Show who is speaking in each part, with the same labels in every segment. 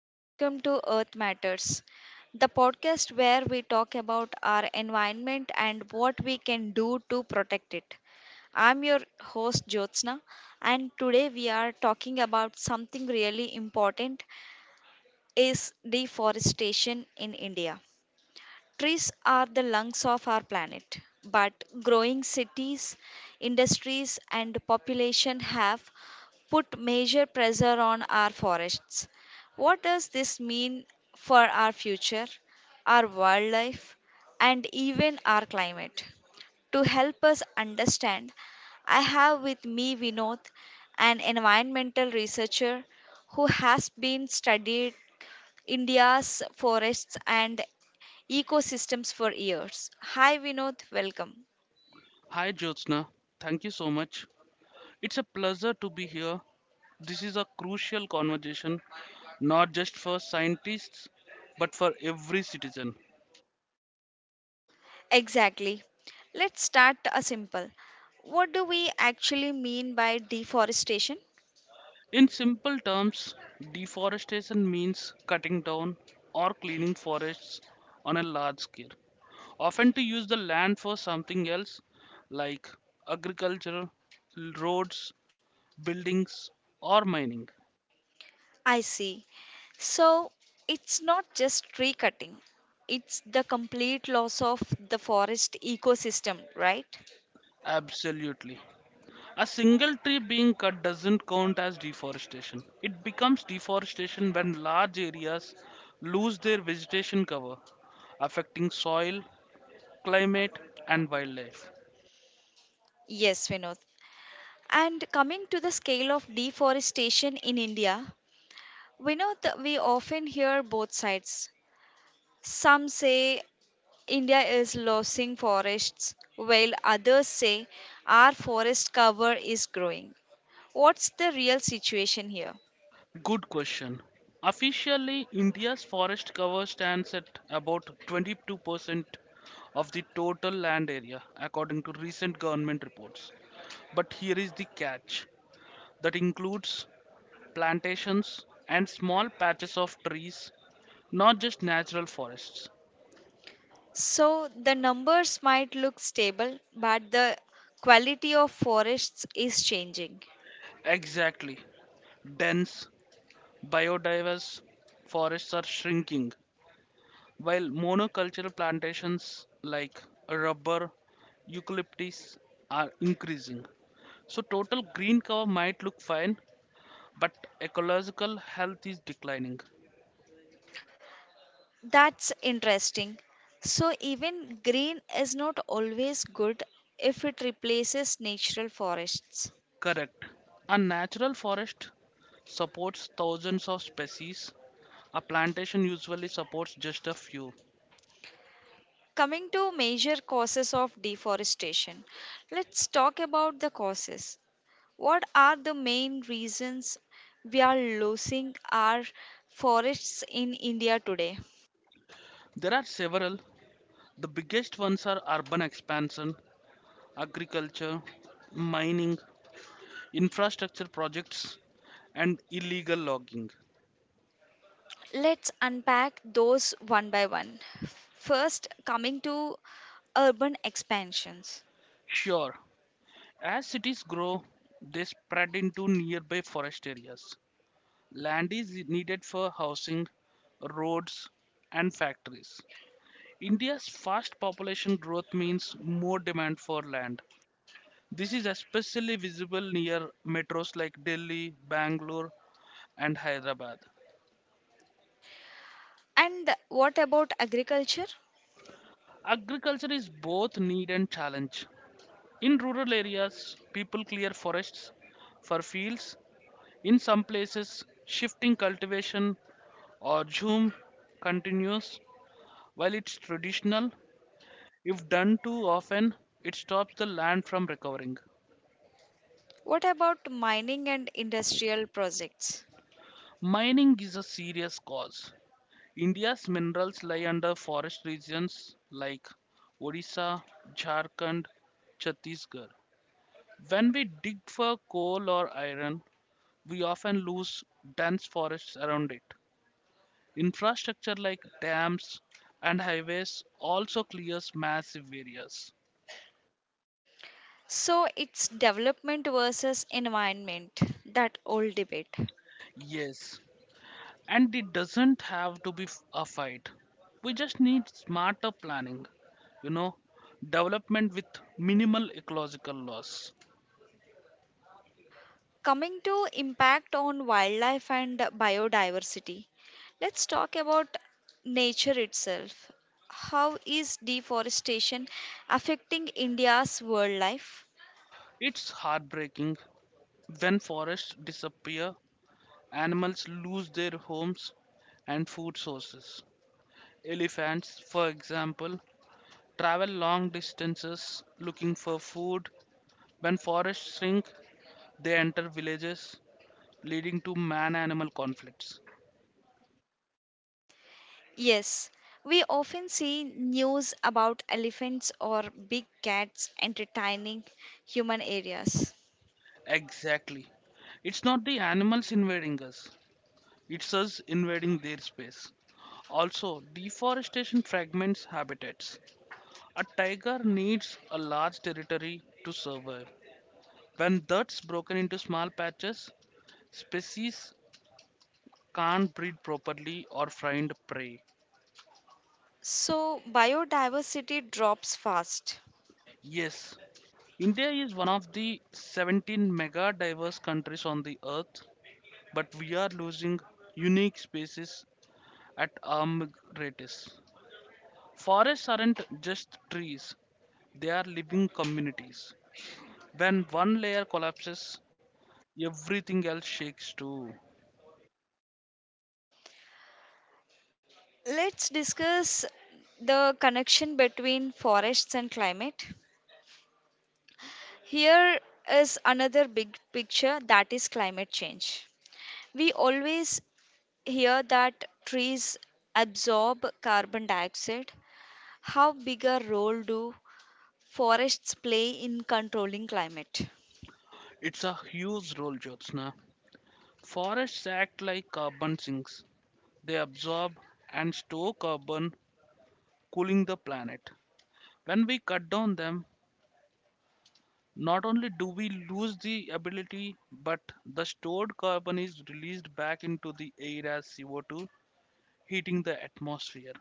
Speaker 1: and welcome to Earth Matters, the podcast where we talk about our environment and what we can do to protect it. I'm your host, Jyotsna, and today we are talking about something really important is deforestation in India. Trees are the lungs of our planet, but growing cities, industries, and population have put major pressure on our forests. What does this mean for our future, our wildlife, and even our climate? To help us understand, I have with me Vinod, an environmental researcher who has been studied India's forests and ecosystems for years. Hi Vinod, welcome.
Speaker 2: Hi Jyotsna, thank you so much. It's a pleasure to be here. This is a crucial conversation, not just for scientists, but for every citizen.
Speaker 1: Exactly. Let's start a simple. What do we actually mean by deforestation?
Speaker 2: In simple terms, deforestation means cutting down or cleaning forests on a large scale, often to use the land for something else like agriculture, roads, buildings, or mining.
Speaker 1: I see. So it's not just tree cutting. It's the complete loss of the forest ecosystem, right?
Speaker 2: Absolutely. A single tree being cut doesn't count as deforestation. It becomes deforestation when large areas lose their vegetation cover, affecting soil, climate, and wildlife.
Speaker 1: Yes, Vinod. And coming to the scale of deforestation in India, Vinod, we often hear both sides. Some say India is losing forests, while others say our forest cover is growing. What's the real situation here?
Speaker 2: Good question. Officially, India's forest cover stands at about 22% of the total land area, according to recent government reports. But here is the catch that includes plantations, and small patches of trees, not just natural forests.
Speaker 1: So, the numbers might look stable, but the quality of forests is changing.
Speaker 2: Exactly. Dense, biodiverse forests are shrinking, while monocultural plantations like rubber, eucalyptus are increasing. So, total green cover might look fine, but ecological health is declining.
Speaker 1: That's interesting. So, even green is not always good if it replaces natural forests.
Speaker 2: Correct. A natural forest supports thousands of species. A plantation usually supports just a few.
Speaker 1: Coming to major causes of deforestation, let's talk about the causes. What are the main reasons we are losing our forests in India today?
Speaker 2: There are several. The biggest ones are urban expansion, agriculture, mining, infrastructure projects, and illegal logging.
Speaker 1: Let's unpack those one by one. First, coming to urban expansions.
Speaker 2: Sure, as cities grow, they spread into nearby forest areas. Land is needed for housing, roads, and factories. India's fast population growth means more demand for land. This is especially visible near metros like Delhi, Bangalore, and Hyderabad.
Speaker 1: And what about agriculture?
Speaker 2: Agriculture is both need and challenge. In rural areas, people clear forests for fields. In some places, shifting cultivation or zoom continues. While it's traditional, if done too often, it stops the land from recovering.
Speaker 1: What about mining and industrial projects?
Speaker 2: Mining is a serious cause. India's minerals lie under forest regions like Odisha, Jharkhand, Chhattisgarh. When we dig for coal or iron, we often lose dense forests around it. Infrastructure like dams and highways also clears massive areas.
Speaker 1: So it's development versus environment, that old debate.
Speaker 2: Yes, and it doesn't have to be a fight. We just need smarter planning, you know, development with minimal ecological loss.
Speaker 1: Coming to impact on wildlife and biodiversity, let's talk about nature itself. How is deforestation affecting India's wildlife?
Speaker 2: It's heartbreaking when forests disappear, animals lose their homes and food sources. Elephants, for example, travel long distances looking for food. When forests shrink, they enter villages, leading to man animal conflicts.
Speaker 1: Yes, we often see news about elephants or big cats entertaining human areas.
Speaker 2: Exactly. It's not the animals invading us, it's us invading their space. Also, deforestation fragments habitats. A tiger needs a large territory to survive. When that's broken into small patches, species can't breed properly or find prey.
Speaker 1: So, biodiversity drops fast.
Speaker 2: Yes, India is one of the 17 mega diverse countries on the earth, but we are losing unique species at alarming rates. Forests aren't just trees, they are living communities. When one layer collapses, everything else shakes too.
Speaker 1: Let's discuss the connection between forests and climate. Here is another big picture that is climate change. We always hear that trees absorb carbon dioxide. How big a role do forests play in controlling climate?
Speaker 2: It's a huge role, Jyotsna. Forests act like carbon sinks. They absorb and store carbon, cooling the planet. When we cut down them, not only do we lose the ability, but the stored carbon is released back into the air as CO2, heating the atmosphere.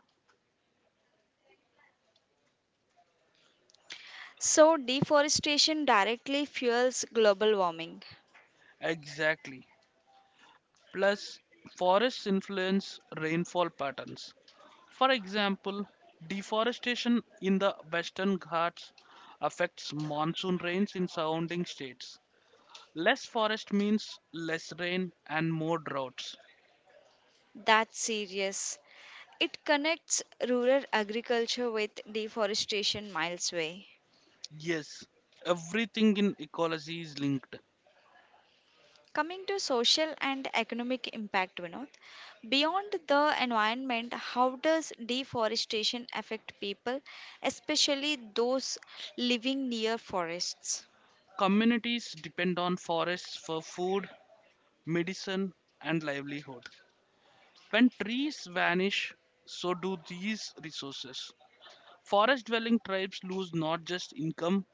Speaker 1: So, deforestation directly fuels global warming.
Speaker 2: Exactly. Plus forests influence rainfall patterns. For example, deforestation in the Western Ghats affects monsoon rains in surrounding states. Less forest means less rain and more droughts.
Speaker 1: That's serious. It connects rural agriculture with deforestation miles away.
Speaker 2: Yes, everything in ecology is linked.
Speaker 1: Coming to social and economic impact, Vinod, beyond the environment, how does deforestation affect people, especially those living near forests?
Speaker 2: Communities depend on forests for food, medicine, and livelihood. When trees vanish, so do these resources. Forest dwelling tribes lose not just income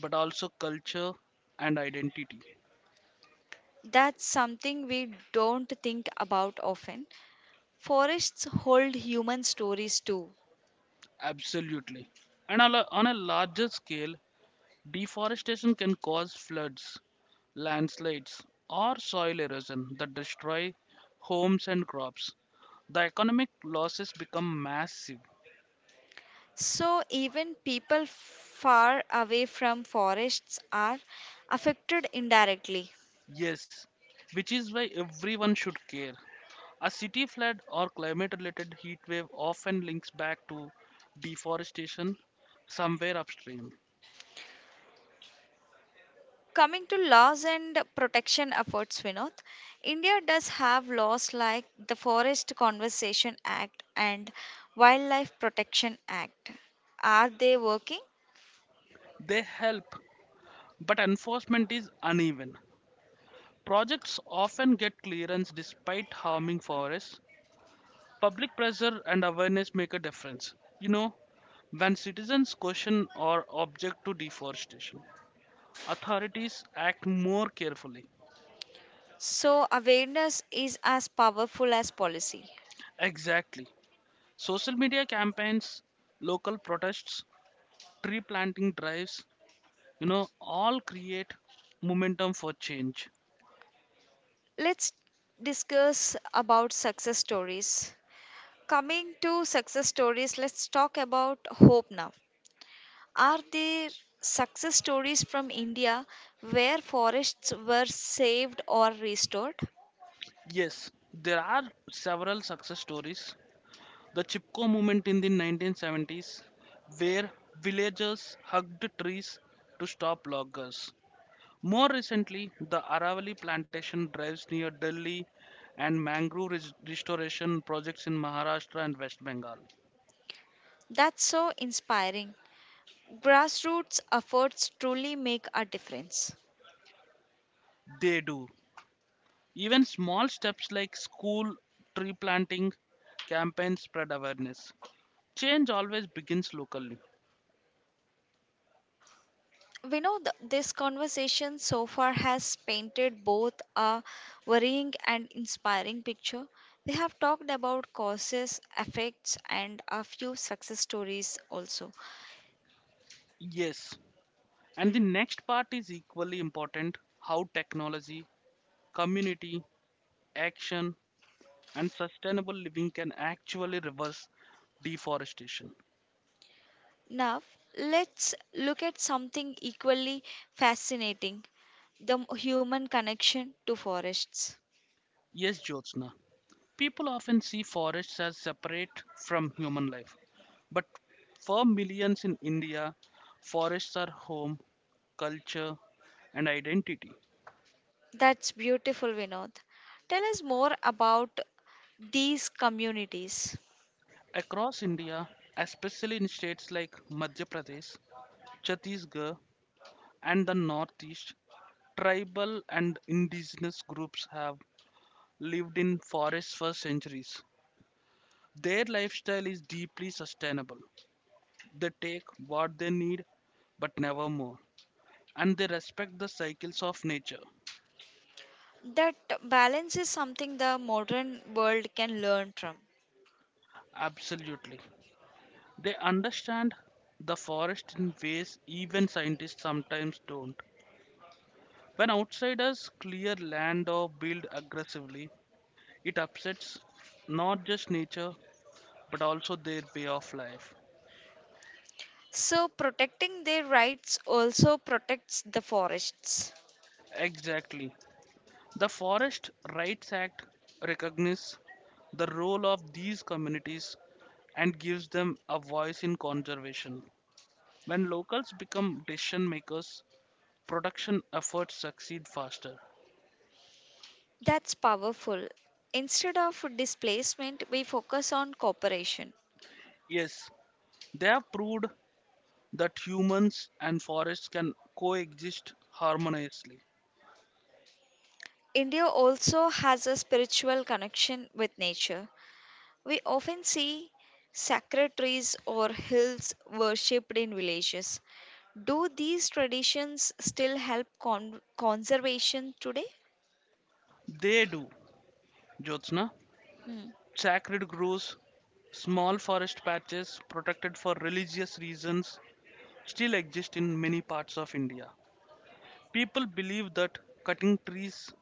Speaker 2: but also culture and identity.
Speaker 1: That's something we don't think about often. Forests hold human stories too.
Speaker 2: Absolutely. And on a larger scale, deforestation can cause floods, landslides, or soil erosion that destroy homes and crops. The economic losses become massive.
Speaker 1: So, even people far away from forests are affected indirectly.
Speaker 2: Yes, which is why everyone should care. A city flood or climate related heat wave often links back to deforestation somewhere upstream.
Speaker 1: Coming to laws and protection efforts, Vinod, India does have laws like the Forest Conservation Act and Wildlife Protection Act. Are they working?
Speaker 2: They help, but enforcement is uneven. Projects often get clearance despite harming forests. Public pressure and awareness make a difference. You know, when citizens question or object to deforestation, authorities act more carefully.
Speaker 1: So, awareness is as powerful as policy.
Speaker 2: Exactly. Social media campaigns, local protests, tree planting drives all create momentum for change.
Speaker 1: Let's discuss about success stories. Coming to success stories, let's talk about hope now. Are there success stories from India where forests were saved or restored?
Speaker 2: Yes, there are several success stories. The Chipko movement in the 1970s, where villagers hugged trees to stop loggers. More recently, the Aravali plantation drives near Delhi, and mangrove restoration projects in Maharashtra and West Bengal.
Speaker 1: That's so inspiring. Grassroots efforts truly make a difference.
Speaker 2: They do. Even small steps like school tree planting campaigns spread awareness. Change always begins locally.
Speaker 1: We know this conversation so far has painted both a worrying and inspiring picture. We have talked about causes, effects, and a few success stories also.
Speaker 2: Yes. And the next part is equally important, how technology, community, action, and sustainable living can actually reverse deforestation.
Speaker 1: Now, let's look at something equally fascinating the human connection to forests.
Speaker 2: Yes, Jyotsna. People often see forests as separate from human life, but for millions in India, forests are home, culture, and identity.
Speaker 1: That's beautiful, Vinod. Tell us more about these communities.
Speaker 2: Across India, especially in states like Madhya Pradesh, Chhattisgarh, and the Northeast, tribal and indigenous groups have lived in forests for centuries. Their lifestyle is deeply sustainable. They take what they need, but never more, and they respect the cycles of nature.
Speaker 1: That balance is something the modern world can learn from.
Speaker 2: Absolutely. They understand the forest in ways even scientists sometimes don't. When outsiders clear land or build aggressively, it upsets not just nature but also their way of life.
Speaker 1: So, protecting their rights also protects the forests.
Speaker 2: Exactly. The Forest Rights Act recognizes the role of these communities and gives them a voice in conservation. When locals become decision makers, production efforts succeed faster.
Speaker 1: That's powerful. Instead of displacement, we focus on cooperation.
Speaker 2: Yes, they have proved that humans and forests can coexist harmoniously.
Speaker 1: India also has a spiritual connection with nature. We often see sacred trees or hills worshipped in villages. Do these traditions still help conservation today?
Speaker 2: They do, Jyotsna.
Speaker 1: Mm.
Speaker 2: Sacred groves, small forest patches protected for religious reasons, still exist in many parts of India. People believe that cutting trees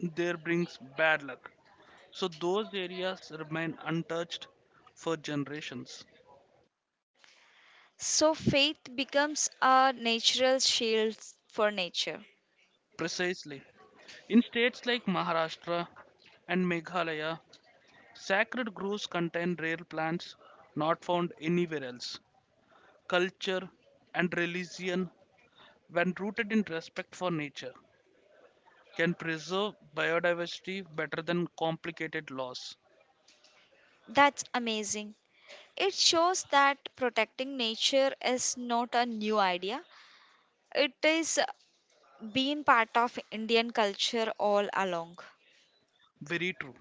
Speaker 2: there brings bad luck, so those areas remain untouched for generations.
Speaker 1: So faith becomes a natural shield for nature.
Speaker 2: Precisely. In states like Maharashtra and Meghalaya, sacred groves contain rare plants not found anywhere else. Culture and religion, when rooted in respect for nature, can preserve biodiversity better than complicated laws.
Speaker 1: That's amazing. It shows that protecting nature is not a new idea. It is been part of Indian culture all along.
Speaker 2: Very true.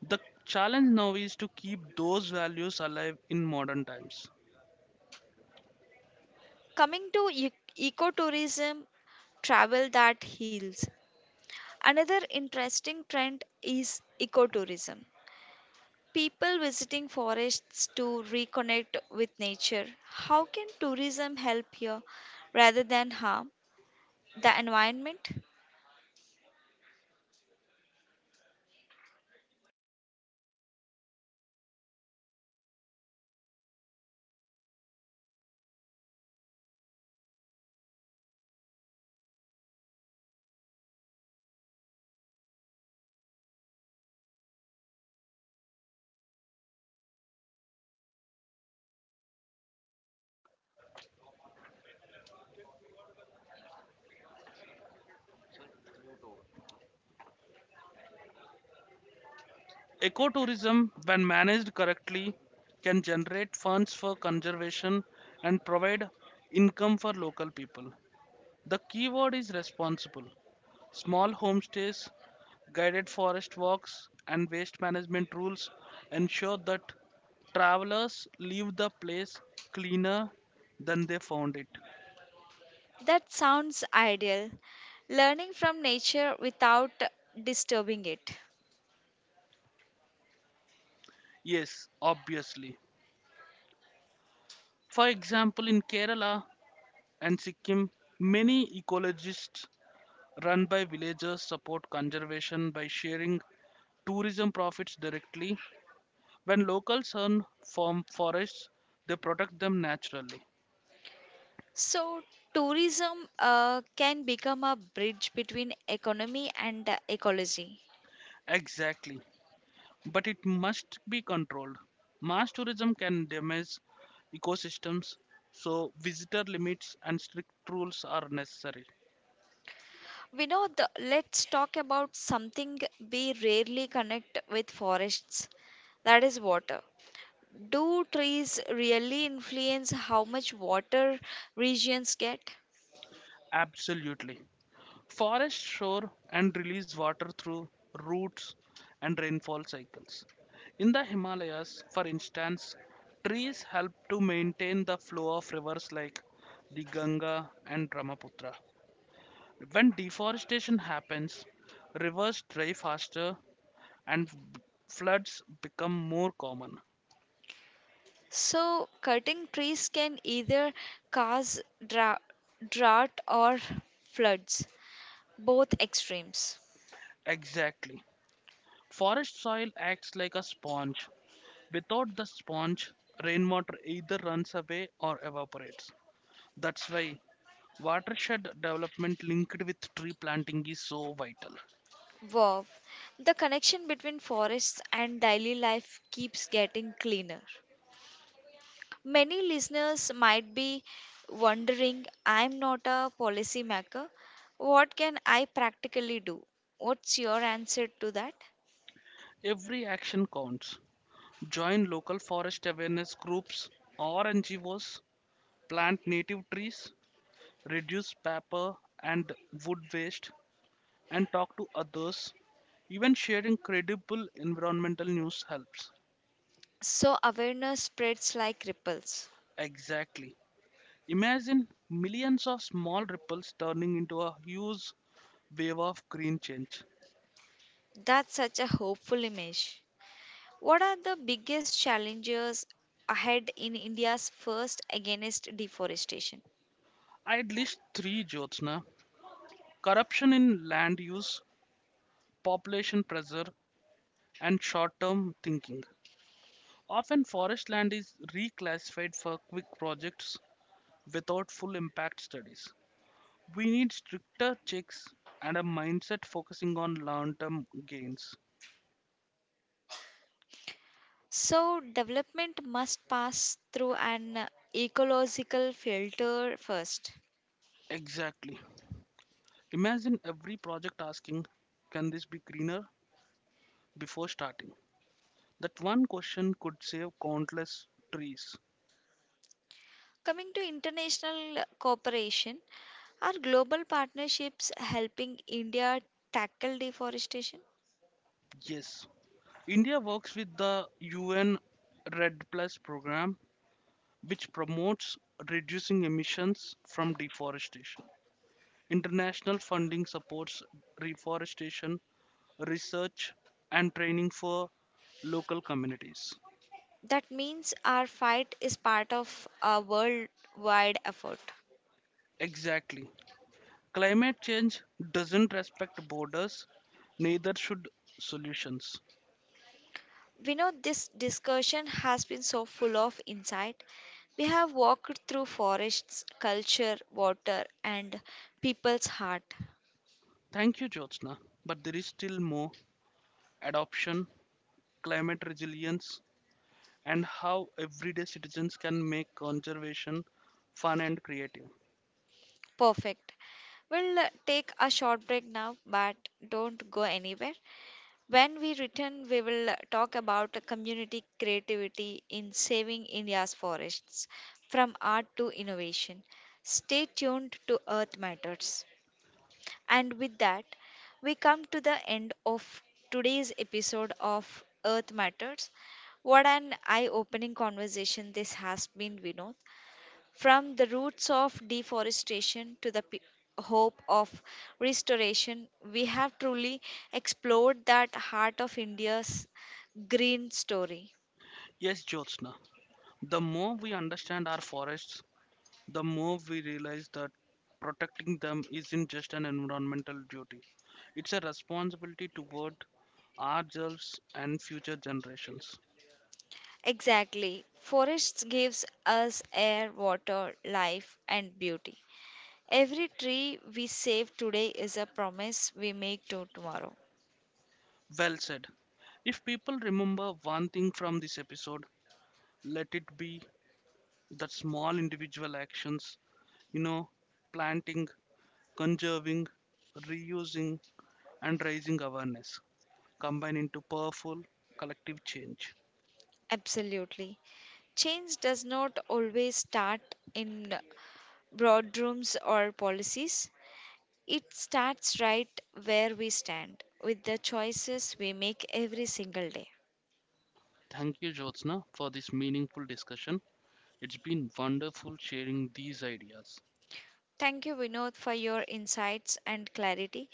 Speaker 2: The challenge now is to keep those values alive in modern times.
Speaker 1: Coming to ecotourism, travel that heals. Another interesting trend is ecotourism. People visiting forests to reconnect with nature. How can tourism help here rather than harm the environment?
Speaker 2: Ecotourism, when managed correctly, can generate funds for conservation and provide income for local people. The key word is responsible. Small homestays, guided forest walks, and waste management rules ensure that travelers leave the place cleaner than they found it.
Speaker 1: That sounds ideal. Learning from nature without disturbing it.
Speaker 2: Yes, obviously. For example, in Kerala and Sikkim, many ecologists run by villagers support conservation by sharing tourism profits directly. When locals earn from forests, they protect them naturally.
Speaker 1: So, tourism can become a bridge between economy and ecology.
Speaker 2: Exactly. But it must be controlled. Mass tourism can damage ecosystems, so visitor limits and strict rules are necessary.
Speaker 1: Vinod, let's talk about something we rarely connect with forests that is, water. Do trees really influence how much water regions get?
Speaker 2: Absolutely. Forest shore and release water through roots and rainfall cycles. In the Himalayas, for instance, trees help to maintain the flow of rivers like the Ganga and Brahmaputra. When deforestation happens, rivers dry faster and floods become more common.
Speaker 1: So, cutting trees can either cause dra- drought or floods, both extremes.
Speaker 2: Exactly. Forest soil acts like a sponge. Without the sponge, rainwater either runs away or evaporates. That's why watershed development linked with tree planting is so vital.
Speaker 1: Wow, the connection between forests and daily life keeps getting cleaner. Many listeners might be wondering I'm not a policymaker. What can I practically do? What's your answer to that?
Speaker 2: Every action counts. Join local forest awareness groups or NGOs, plant native trees, reduce paper and wood waste, and talk to others. Even sharing credible environmental news helps.
Speaker 1: So, awareness spreads like ripples.
Speaker 2: Exactly. Imagine millions of small ripples turning into a huge wave of green change.
Speaker 1: That's such a hopeful image. What are the biggest challenges ahead in India's first against deforestation?
Speaker 2: I'd list three, Jyotsna. Corruption in land use, population pressure, and short term thinking. Often, forest land is reclassified for quick projects without full impact studies. We need stricter checks and a mindset focusing on long term gains.
Speaker 1: So, development must pass through an ecological filter first.
Speaker 2: Exactly. Imagine every project asking, "Can this be greener?" before starting. That one question could save countless trees.
Speaker 1: Coming to international cooperation, are global partnerships helping India tackle deforestation?
Speaker 2: Yes. India works with the UN Red Plus program which promotes reducing emissions from deforestation. International funding supports reforestation research and training for local communities.
Speaker 1: That means our fight is part of a worldwide effort.
Speaker 2: Exactly. Climate change doesn't respect borders, neither should solutions.
Speaker 1: We know this discussion has been so full of insight. We have walked through forests, culture, water, and people's heart.
Speaker 2: Thank you, Jyotsna. But there is still more: adoption, climate resilience, and how everyday citizens can make conservation fun and creative.
Speaker 1: Perfect. We'll take a short break now, but don't go anywhere. When we return, we will talk about community creativity in saving India's forests from art to innovation. Stay tuned to Earth Matters. And with that, we come to the end of today's episode of Earth Matters. What an eye opening conversation this has been, Vinod. From the roots of deforestation to the hope of restoration, we have truly explored that heart of India's green story.
Speaker 2: Yes, Jyotsna. The more we understand our forests, the more we realize that protecting them isn't just an environmental duty. It's a responsibility toward ourselves and future generations.
Speaker 1: Exactly. Forests gives us air, water, life and beauty. Every tree we save today is a promise we make to tomorrow.
Speaker 2: Well said. If people remember one thing from this episode, let it be that small individual actions, you know, planting, conserving, reusing, and raising awareness combine into powerful collective change.
Speaker 1: Absolutely. Change does not always start in broad rooms or policies. It starts right where we stand with the choices we make every single day.
Speaker 2: Thank you, Jyotsna, for this meaningful discussion. It's been wonderful sharing these ideas.
Speaker 1: Thank you, Vinod, for your insights and clarity.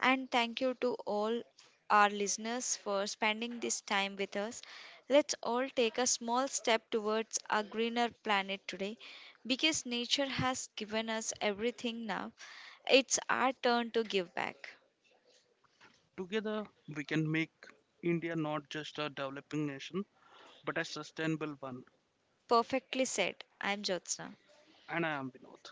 Speaker 1: And thank you to all our listeners for spending this time with us. Let's all take a small step towards a greener planet today because nature has given us everything now. It's our turn to give back.
Speaker 2: Together, we can make India not just a developing nation, but a sustainable one.
Speaker 1: Perfectly said. I'm Jyotsna.
Speaker 2: And I am Vinod.